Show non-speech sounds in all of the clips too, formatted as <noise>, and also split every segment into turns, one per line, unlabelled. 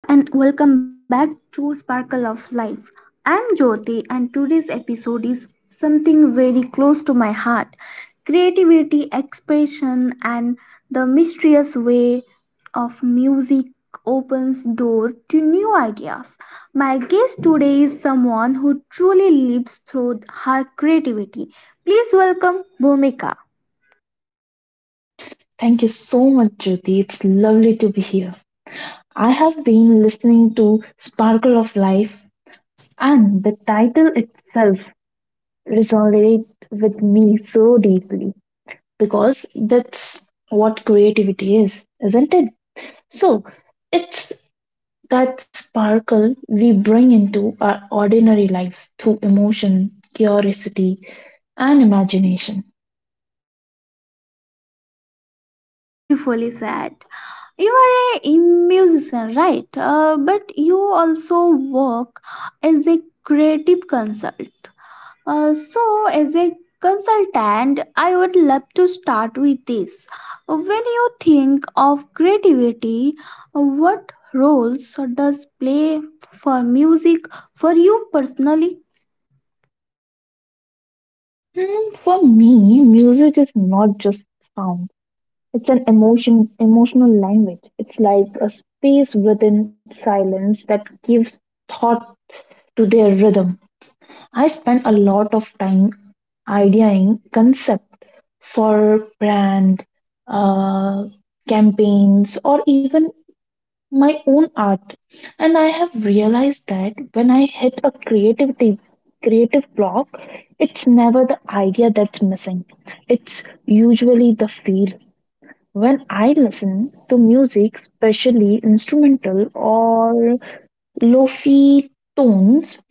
Hello and welcome back to Sparkle of Life. I'm Jyoti and today's episode is something very close to my heart. Creativity, expression and the mysterious way of music opens door to new ideas. My guest today is someone who truly lives through her creativity. Please welcome Bhumika.
Thank you so much, Jyoti. It's lovely to be here. I have been listening to Sparkle of Life, and the title itself resonated with me so deeply because that's what creativity is, isn't it? So, it's that sparkle we bring into our ordinary lives through emotion, curiosity, and imagination.
Ah, beautifully said. You are a musician, right? But you also work as a creative consult. As a consultant, I would love to start with this. When you think of creativity, what roles does play for music for you personally?
For me, music is not just sound. It's an emotional language. It's like a space within silence that gives thought to their rhythm. I spend a lot of time ideating concept for brand, uh, campaigns, or even my own art. And I have realized that when I hit a creativity creative block, it's never the idea that's missing. It's usually the feel. When I listen to music, especially instrumental or lo-fi tones,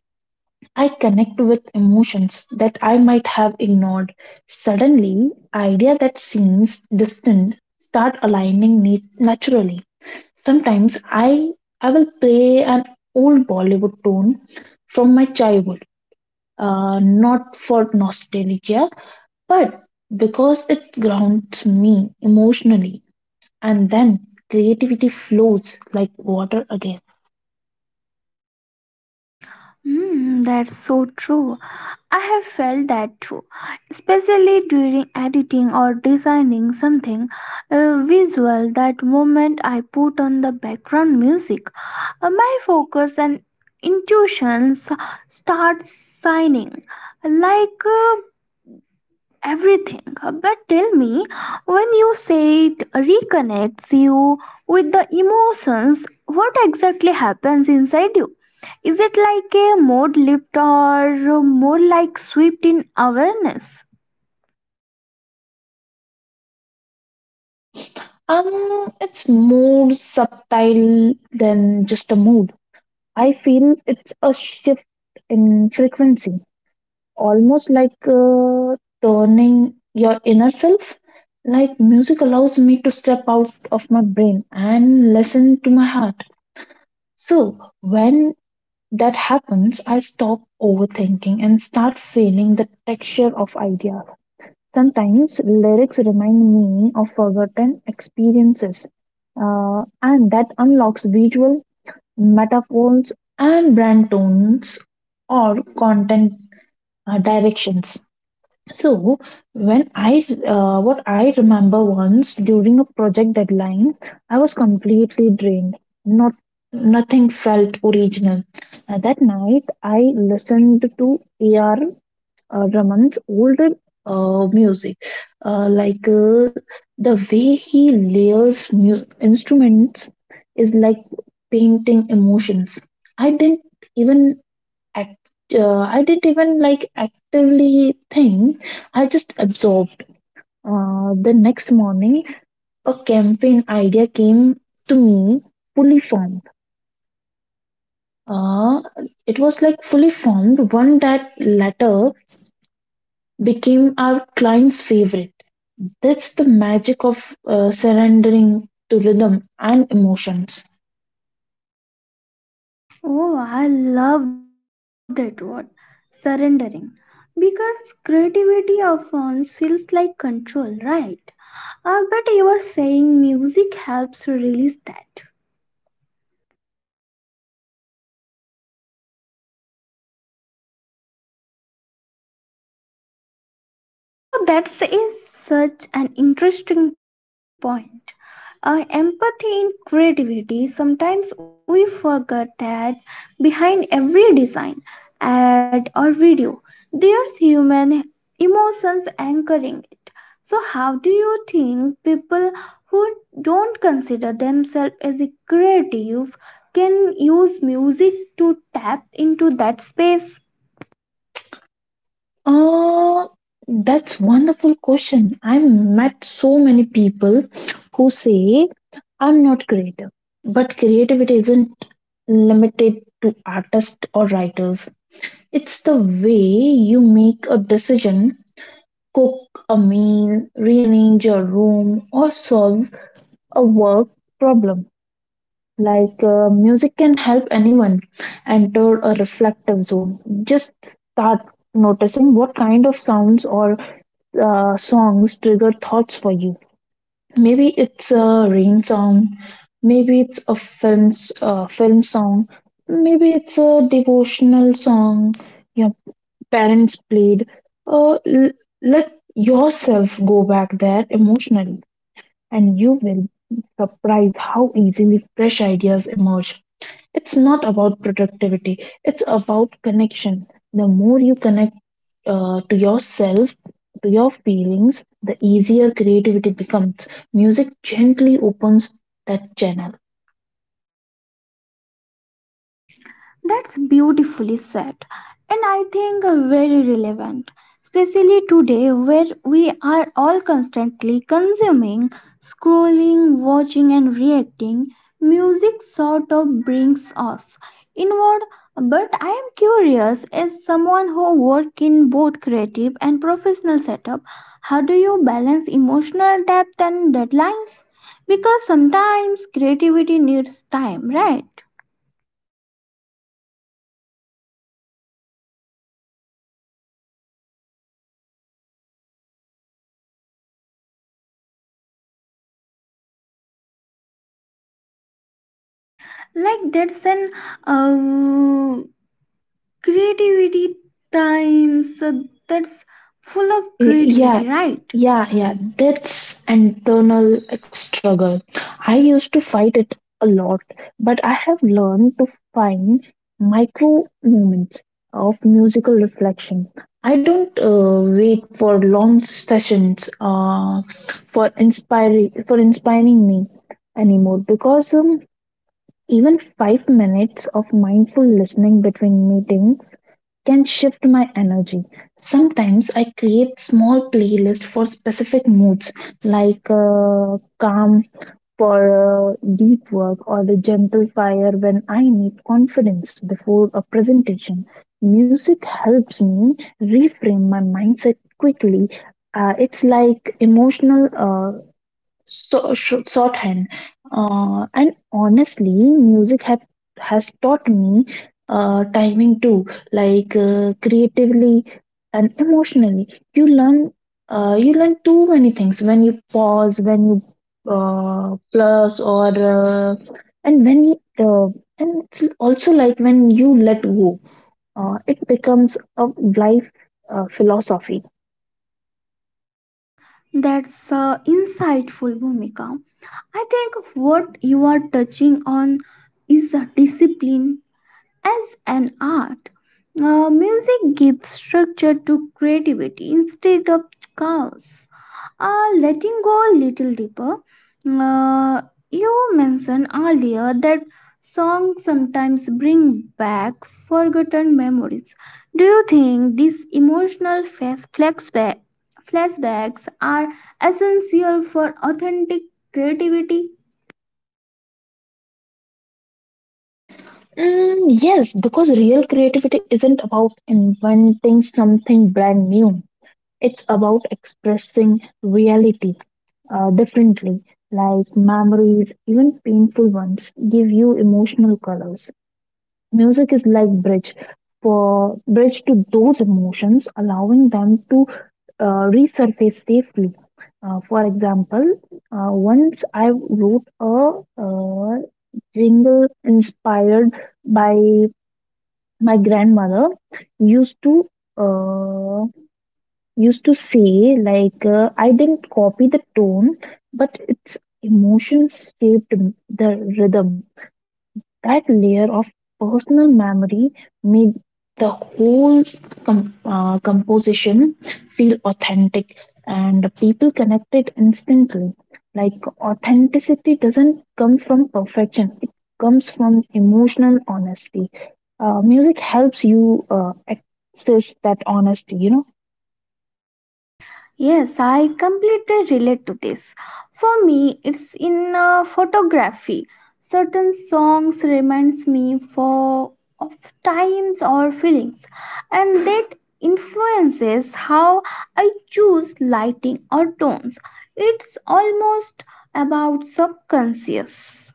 I connect with emotions that I might have ignored. Suddenly, idea that seems distant start aligning naturally. Sometimes I will play an old Bollywood tune from my childhood, not for nostalgia, but because it grounds me emotionally and then creativity flows like water again.
Hmm, that's so true. I have felt that too, especially during editing or designing something visual. That moment I put on the background music, my focus and intuitions start shining like. Everything. But tell me, when you say it reconnects you with the emotions, what exactly happens inside you? Is it like a mode lift or more like swept in awareness?
It's more subtle than just a mood. I feel it's a shift in frequency, almost like turning your inner self. Like music allows me to step out of my brain and listen to my heart. So when that happens, I stop overthinking and start feeling the texture of ideas. Sometimes lyrics remind me of forgotten experiences, and that unlocks visual metaphors and brand tones or content directions. So, when I what I remember once during a project deadline, I was completely drained. Not Nothing felt original. That night, I listened to AR Raman's older music, uh, like uh, the way he layers instruments is like painting emotions. I didn't even act. I didn't even actively think. I just absorbed. The next morning, a campaign idea came to me fully formed. Uh, it was one that later became our client's favorite. That's the magic of surrendering to rhythm and emotions.
Oh, I love that word, surrendering. Because creativity often feels like control, right? But you were saying music helps release that. So that is such an interesting point. Empathy in creativity. Sometimes we forget that behind every design, ad, or video, there's human emotions anchoring it. So, how do you think people who don't consider themselves as a creative can use music to tap into that space?
Uh, that's wonderful question. I've met so many people who say I'm not creative, but creativity isn't limited to artists or writers. It's the way you make a decision, cook a meal, rearrange your room, or solve a work problem. Music can help anyone enter a reflective zone. Just start noticing what kind of sounds or songs trigger thoughts for you. Maybe it's a rain song, maybe it's a film song, maybe it's a devotional song your parents played. Uh, l- Let yourself go back there emotionally, and you will be surprised how easily fresh ideas emerge. It's not about productivity, it's about connection. The more you connect to yourself, to your feelings, the easier creativity becomes. Music gently opens that channel.
That's beautifully said, and I think very relevant, especially today where we are all constantly consuming, scrolling, watching, and reacting. Music sort of brings us inward. But I am curious, as someone who works in both creative and professional setup, how do you balance emotional depth and deadlines? Because sometimes creativity needs time, right? Like that's an uh, creativity times that's full of
Y-
creativity
Yeah,
right
yeah, yeah. That's internal struggle. I used to fight it a lot, but I have learned to find micro moments of musical reflection. I don't wait for long sessions for inspiring me anymore because even 5 minutes of mindful listening between meetings can shift my energy. Sometimes I create small playlists for specific moods, like calm for deep work or the gentle fire when I need confidence before a presentation. Music helps me reframe my mindset quickly. It's like emotional shorthand. And honestly, has taught me timing too, creatively and emotionally. You learn you learn too many things when you pause, when you plus or and when you and it's also like when you let go, it becomes a life philosophy.
that's insightful bhumika I think what you are touching on is a discipline as an art. Music gives structure to creativity instead of chaos. Letting go a little deeper, uh, you mentioned earlier that songs sometimes bring back forgotten memories. Do you think these emotional flashbacks are essential for authentic creativity?
Yes, because real creativity isn't about inventing something brand new. It's about expressing reality differently, like memories, even painful ones, give you emotional colors. Music is like bridge to those emotions, allowing them to resurface safely. For example, once I wrote a jingle inspired by my grandmother used to uh, used to say like, I didn't copy the tone but its emotions shaped the rhythm. That layer of personal memory made the whole composition feel authentic and people connected instantly. Like authenticity doesn't come from perfection, it comes from emotional honesty. Music helps you access that honesty, you know.
Yes, I completely relate to this. For me, it's in photography. Certain songs reminds me for of times or feelings, and that influences how I choose lighting or tones. It's almost about subconscious.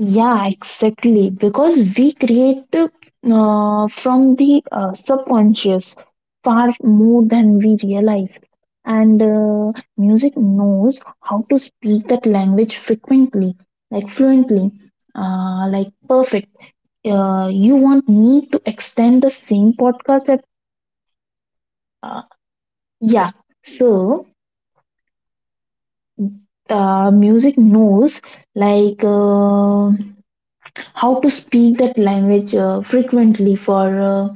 Yeah, exactly. Because we create from the subconscious far more than we realize. And music knows how to speak that language frequently, like fluently, like perfect. You want me to extend the same podcast that, uh, yeah. So, music knows like uh, how to speak that language frequently for.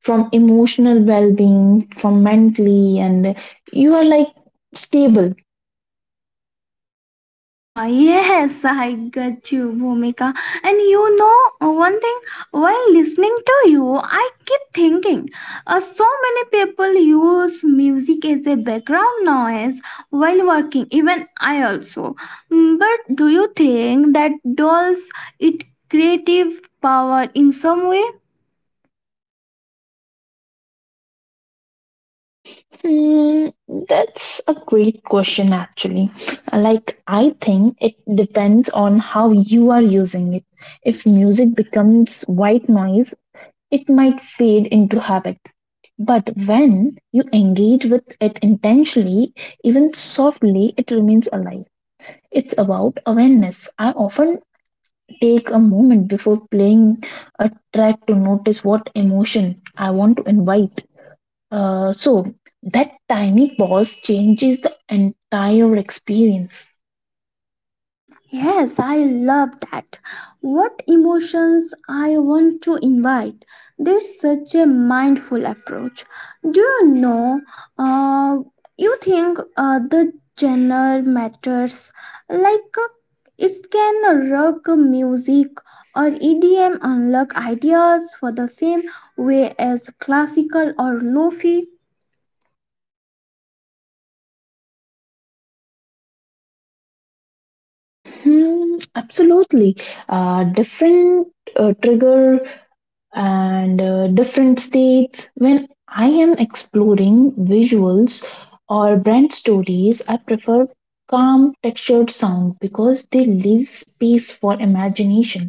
From emotional well-being, from mentally, and you are like stable.
Ah, yes, I got you, Bhumika. And you know, one thing, while listening to you, I keep thinking so many people use music as a background noise while working, even I also. Mm, but do you think that dolls it creative power in some way?
Hmm, that's a great question actually. I think it depends on how you are using it. If music becomes white noise, it might fade into habit, but when you engage with it intentionally, even softly, it remains alive. It's about awareness. I often take a moment before playing a track to notice what emotion I want to invite. So that tiny pause changes the entire experience.
Yes, I love that. What emotions I want to invite. That's such a mindful approach. Do you know? Uh, you think the genre matters? Like it can rock music or EDM unlock ideas for the same way as classical or lofi.
Hmm, absolutely. Different Trigger and different states. When I am exploring visuals or brand stories, I prefer calm textured sound because they leave space for imagination.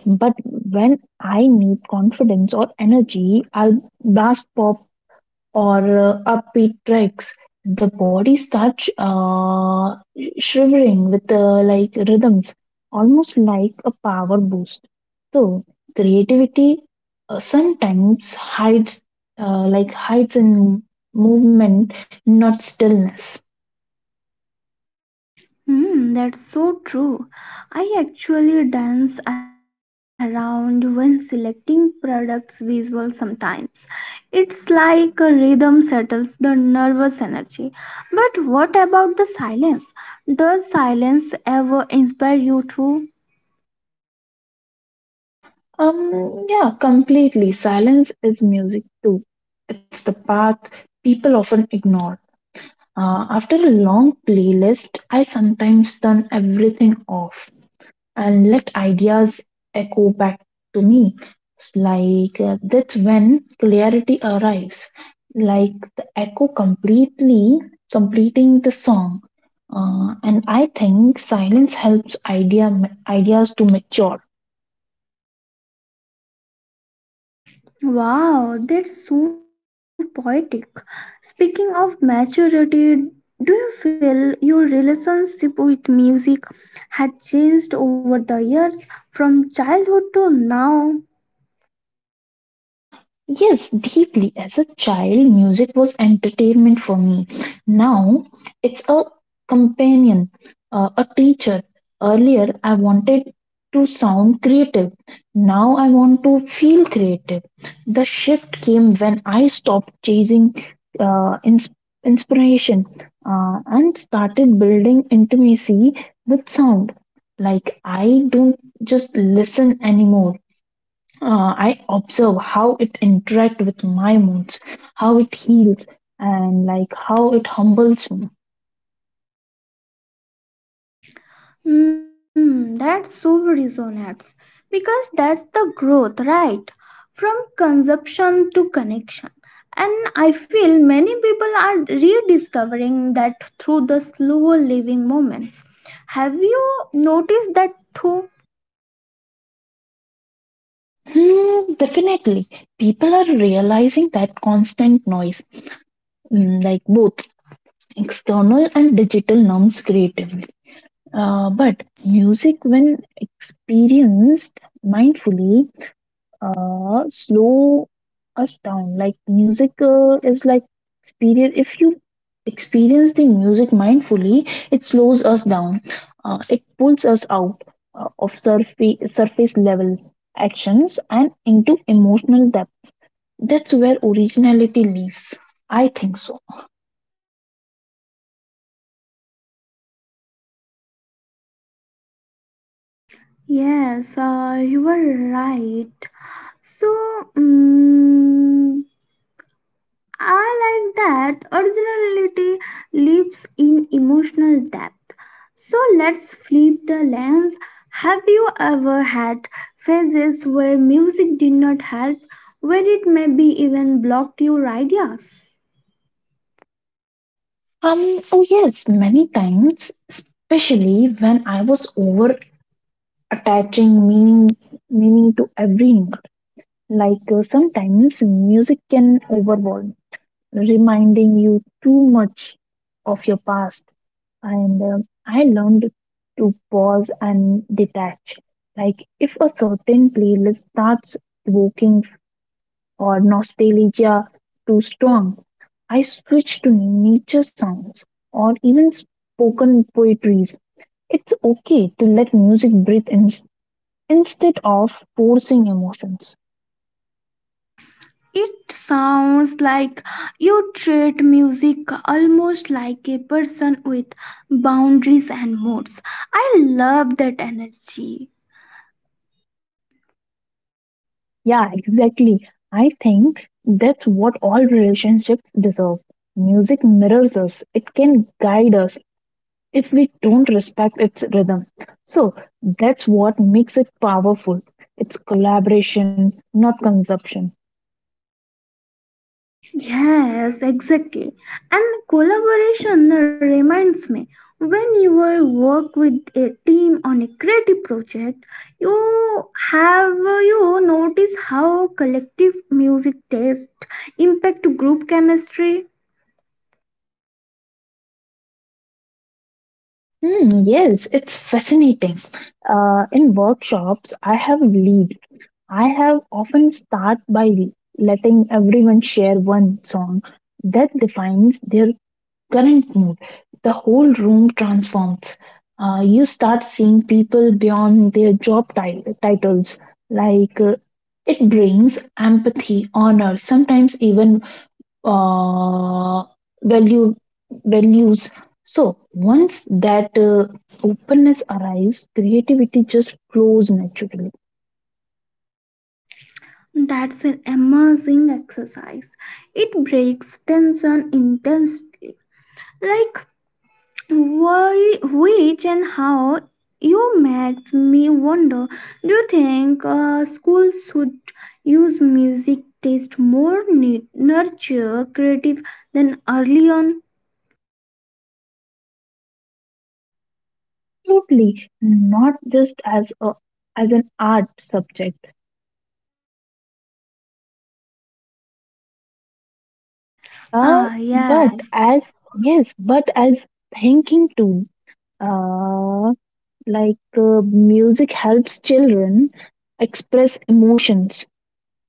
But when I need confidence or energy, I'll blast pop or upbeat tracks. The body starts shivering with rhythms, almost like a power boost. So creativity sometimes hides in movement, not stillness.
Hmm, that's so true. I actually dance around when selecting products visual sometimes. It's like a rhythm settles the nervous energy. But what about the silence? Does silence ever inspire you too?
Yeah, completely. Silence is music too. It's the path people often ignore. After a long playlist, I sometimes turn everything off and let ideas echo back to me. That's when clarity arrives, like the echo completely completing the song. And I think silence helps ideas to mature.
Wow, that's so poetic. Speaking of maturity, do you feel your relationship with music has changed over the years from childhood to now?
Yes, deeply. As a child, music was entertainment for me. Now, it's a companion, a teacher. Earlier, I wanted to sound creative. Now, I want to feel creative. The shift came when I stopped chasing uh, ins- inspiration and started building intimacy with sound. Like, I don't just listen anymore. I observe how it interact with my moods, how it heals, and like how it humbles me.
Hmm, that so resonates because that's the growth, right? From consumption to connection. And I feel many people are rediscovering that through the slower living moments. Have you noticed that too?
Definitely, people are realizing that constant noise, like both external and digital, numbs creatively. But music, when experienced mindfully, slow us down. Like music is like experience. If you experience the music mindfully, it slows us down. It pulls us out of surface level actions and into emotional depth. That's where originality lives. I think so.
Yes, you were right. So, mm, I like that originality lives in emotional depth. So, let's flip the lens. Have you ever had phases where music did not help, where it maybe even blocked your ideas?
Oh yes, many times, especially when I was over attaching meaning to every note. Sometimes music can overwhelm, reminding you too much of your past. And I learned to pause and detach. Like if a certain playlist starts evoking or nostalgia too strong, I switch to nature sounds or even spoken poetries. It's okay to let music instead of forcing emotions.
It sounds like you treat music almost like a person with boundaries and moods. I love that energy.
Yeah, exactly. I think that's what all relationships deserve. Music mirrors us, it can guide us if we don't respect its rhythm. So that's what makes it powerful. It's collaboration, not consumption.
Yes, exactly. And collaboration reminds me when you were work with a team on a creative project, you have you notice how collective music taste impact group chemistry.
Yes, it's fascinating. In workshops, I have lead, I have often start by letting everyone share one song that defines their current mood. The whole room transforms. You start seeing people beyond their job titles. Like uh, it brings empathy, honor, sometimes even uh, value values. So once that openness arrives, creativity just flows naturally.
That's an amazing exercise. It breaks tension intensely. Like why, which and how you makes me wonder. Do you think schools should use music taste more nurture creative than early on?
Totally, not just as a as an art subject,
Ah
but
yes,
as yes, but as thinking too, uh, music helps children express emotions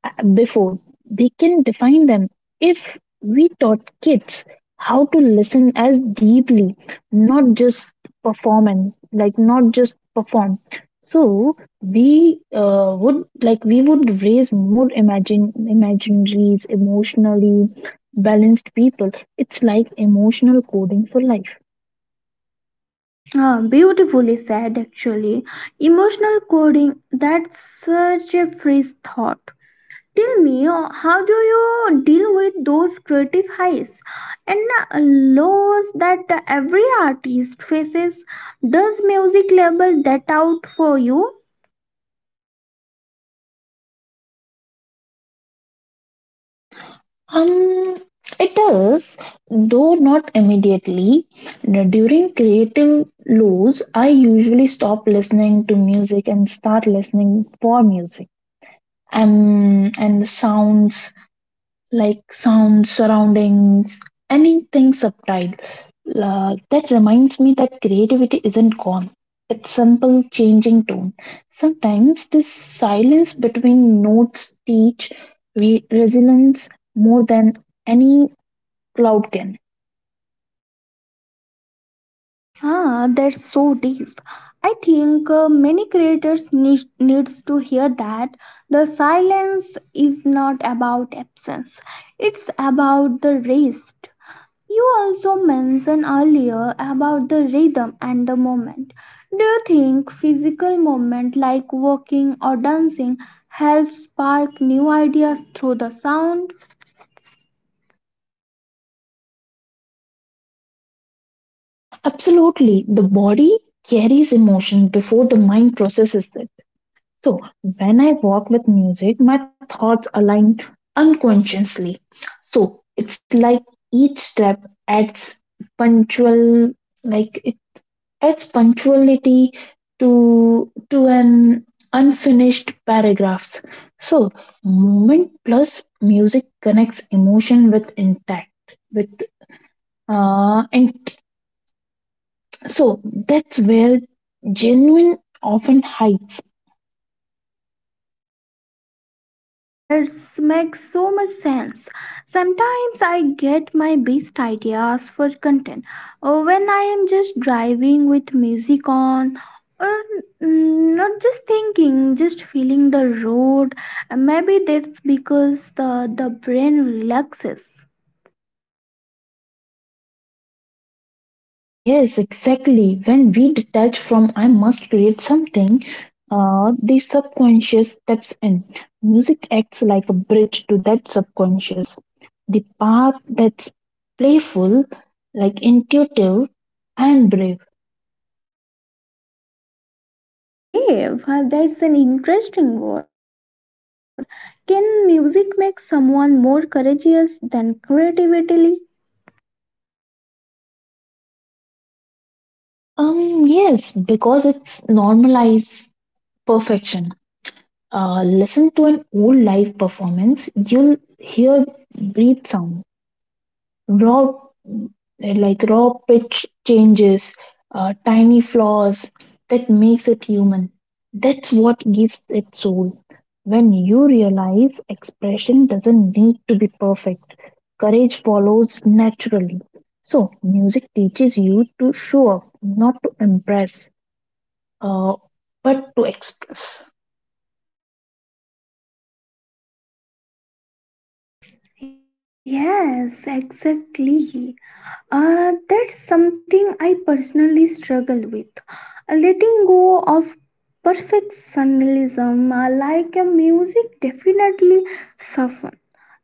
before they can define them. If we taught kids how to listen as deeply, not just perform and like not just perform, so we would like we would raise more imagine imaginaries, emotionally balanced people. It's like emotional coding for life.
ah, beautifully said. Actually, emotional coding. That's such a fresh thought. Tell me, how do you deal with those creative highs and lows that every artist faces? Does music label that out for you?
Um, it is, though not immediately. During creative lows, I usually stop listening to music and start listening for music. And the sounds, sounds, surroundings, anything subtle. That reminds me that creativity isn't gone. It's simple changing tone. Sometimes this silence between notes teach resilience more than any Loudkin.
Ah, that's so deep. I think many creators needs to hear that the silence is not about absence. It's about the rest. You also mentioned earlier about the rhythm and the moment. Do you think physical movement like walking or dancing helps spark new ideas through the sound?
Absolutely. The body carries emotion before the mind processes it. So, when I walk with music, my thoughts align unconsciously. So, it's like each step adds punctual, like it adds punctuality to an unfinished paragraphs. So, movement plus music connects emotion with intact with uh, in- So that's where genuine often hides.
Ah, that makes so much sense. Sometimes I get my best ideas for content when I am just driving with music on or mm, not just thinking, just feeling the road. Maybe that's because the brain relaxes.
Yes, exactly. When we detach from I must create something, the subconscious steps in. Music acts like a bridge to that subconscious. The part that's playful, like intuitive and brave.
Brave, huh, that's an interesting word. Can music make someone more courageous than creativity?
Yes, because it's normalized perfection. Listen to an old live performance, you'll hear breathe sound raw, raw pitch changes, tiny flaws that makes it human. That's what gives it soul. When you realize expression doesn't need to be perfect, courage follows naturally. So music teaches you to show up not to impress, uh, but to express.
Yes, exactly. That's something I personally struggle with. Letting go of perfectionism, like a music, definitely suffer.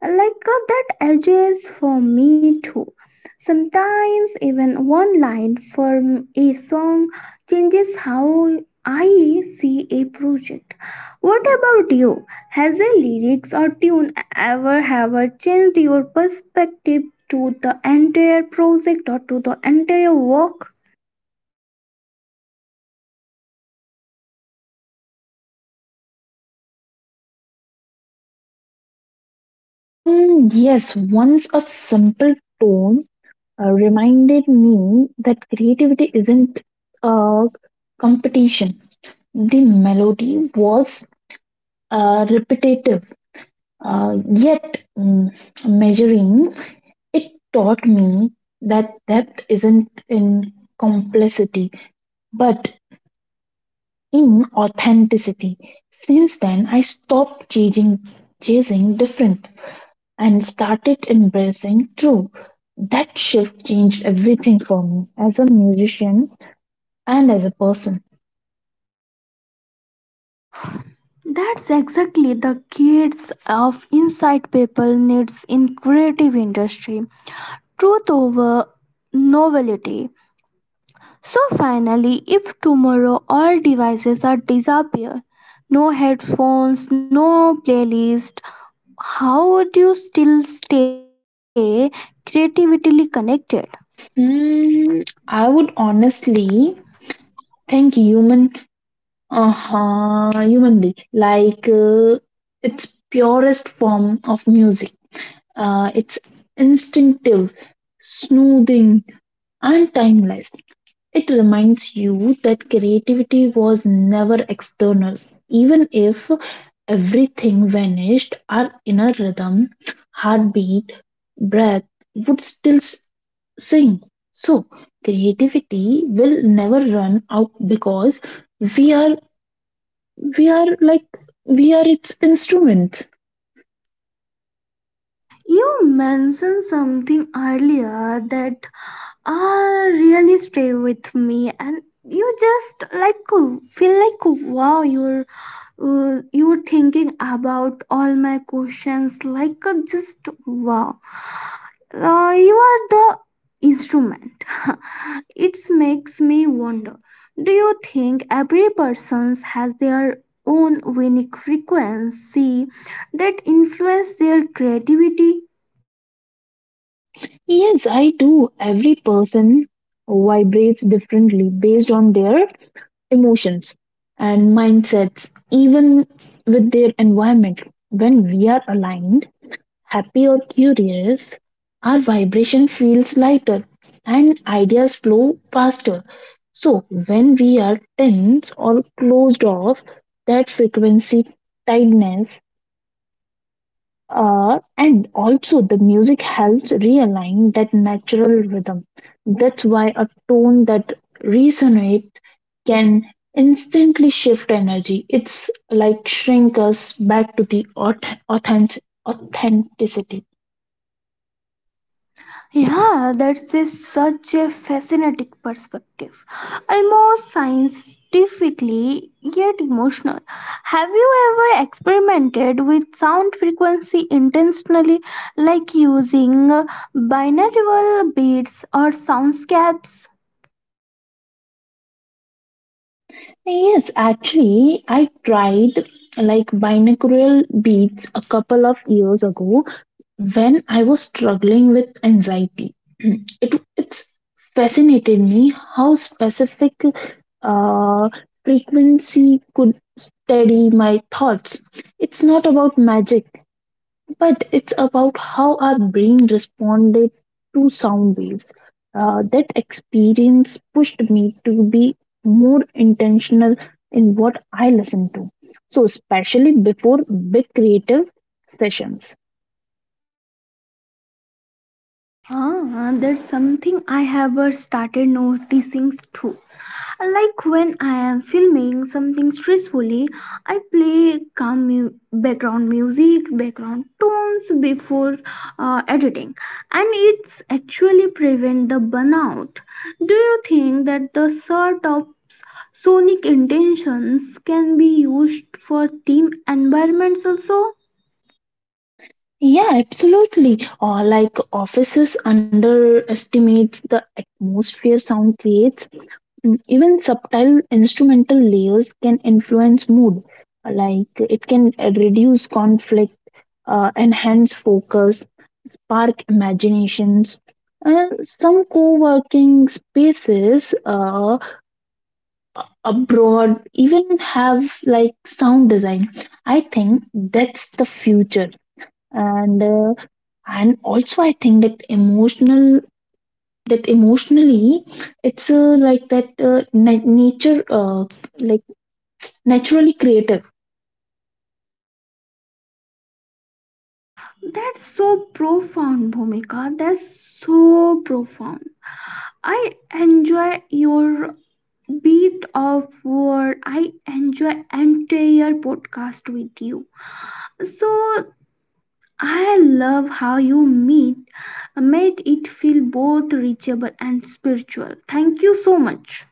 Like that edges for me too. Sometimes even one line from a song changes how I see a project. What about you? Has a lyrics or tune ever changed your perspective to the entire project or to the entire work?
Yes, once a simple tone reminded me that creativity isn't a competition. The melody was repetitive, yet measuring. It taught me that depth isn't in complexity, but in authenticity. Since then, chasing different and started embracing true. That shift changed everything for me. As a musician, and as a person?
That's exactly the kids of insight people needs in creative industry. Truth over novelty. So finally, if tomorrow all devices are disappear, no headphones, no playlist, how would you still stay creatively connected?
Hmm, I would honestly think human, humanly, its purest form of music. It's instinctive, smoothing, and timeless. It reminds you that creativity was never external. Even if everything vanished, our inner rhythm, heartbeat, breath would sing. So, creativity will never run out because we are we are like we are its instrument.
You mentioned something earlier that really stay with me, and you just like feel like wow, you thinking about all my questions like a just wow you are the instrument <laughs> it makes me wonder do you think every person has their own unique frequency that influence their creativity.
Yes, I do. Every person vibrates differently based on their emotions and mindsets, even with their environment. When we are aligned, happy or curious, our vibration feels lighter and ideas flow faster. So when we are tense or closed off, that frequency tightness, and also, the music helps realign that natural rhythm. That's why a tone that resonates can instantly shift energy. It's like shrink us back to the authenticity.
Yeah, that's a, such a fascinating perspective. Almost scientifically, yet emotional. Have you ever experimented with sound frequency intentionally, like using binaural beats or soundscapes?
Yes, actually, I tried like binaural beats a couple of years ago when I was struggling with anxiety. <clears throat> It's fascinated me how specific uh, frequency could steady my thoughts. It's not about magic, but it's about how our brain responded to sound waves. That experience pushed me to be more intentional in what I listen to. So, especially before big creative sessions.
Ah, that's something I have started noticing too. Like when I am filming something stressfully, I play calm background music, background tones before editing, and it's actually prevent the burnout. Do you think that the sort of sonic intentions can be used for team environments also?
Yeah, absolutely. Or like offices underestimates the atmosphere sound creates. Even subtle instrumental layers can influence mood. Like it can reduce conflict, enhance focus, spark imaginations. Some co-working spaces abroad even have like sound design. I think that's the future and uh, and also I think that emotionally it's like nature like naturally creative.
That's so profound, Bhumika. That's so profound. I enjoy your beat of word. I enjoy entire podcast with you. So I love how you meet made it feel both reachable and spiritual. Thank you so much.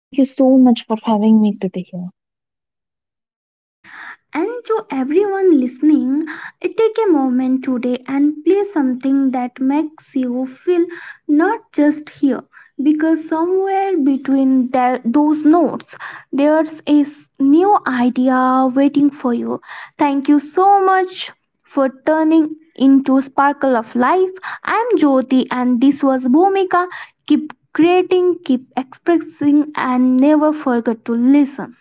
Thank you so much for having me today here.
And to everyone listening, take a moment today and play something that makes you feel not just here, because somewhere between those notes, there's a new idea waiting for you. Thank you so much for turning into Sparkle of Life. I'm Jyoti, and this was Bhumika. Keep creating, keep expressing, and never forget to listen.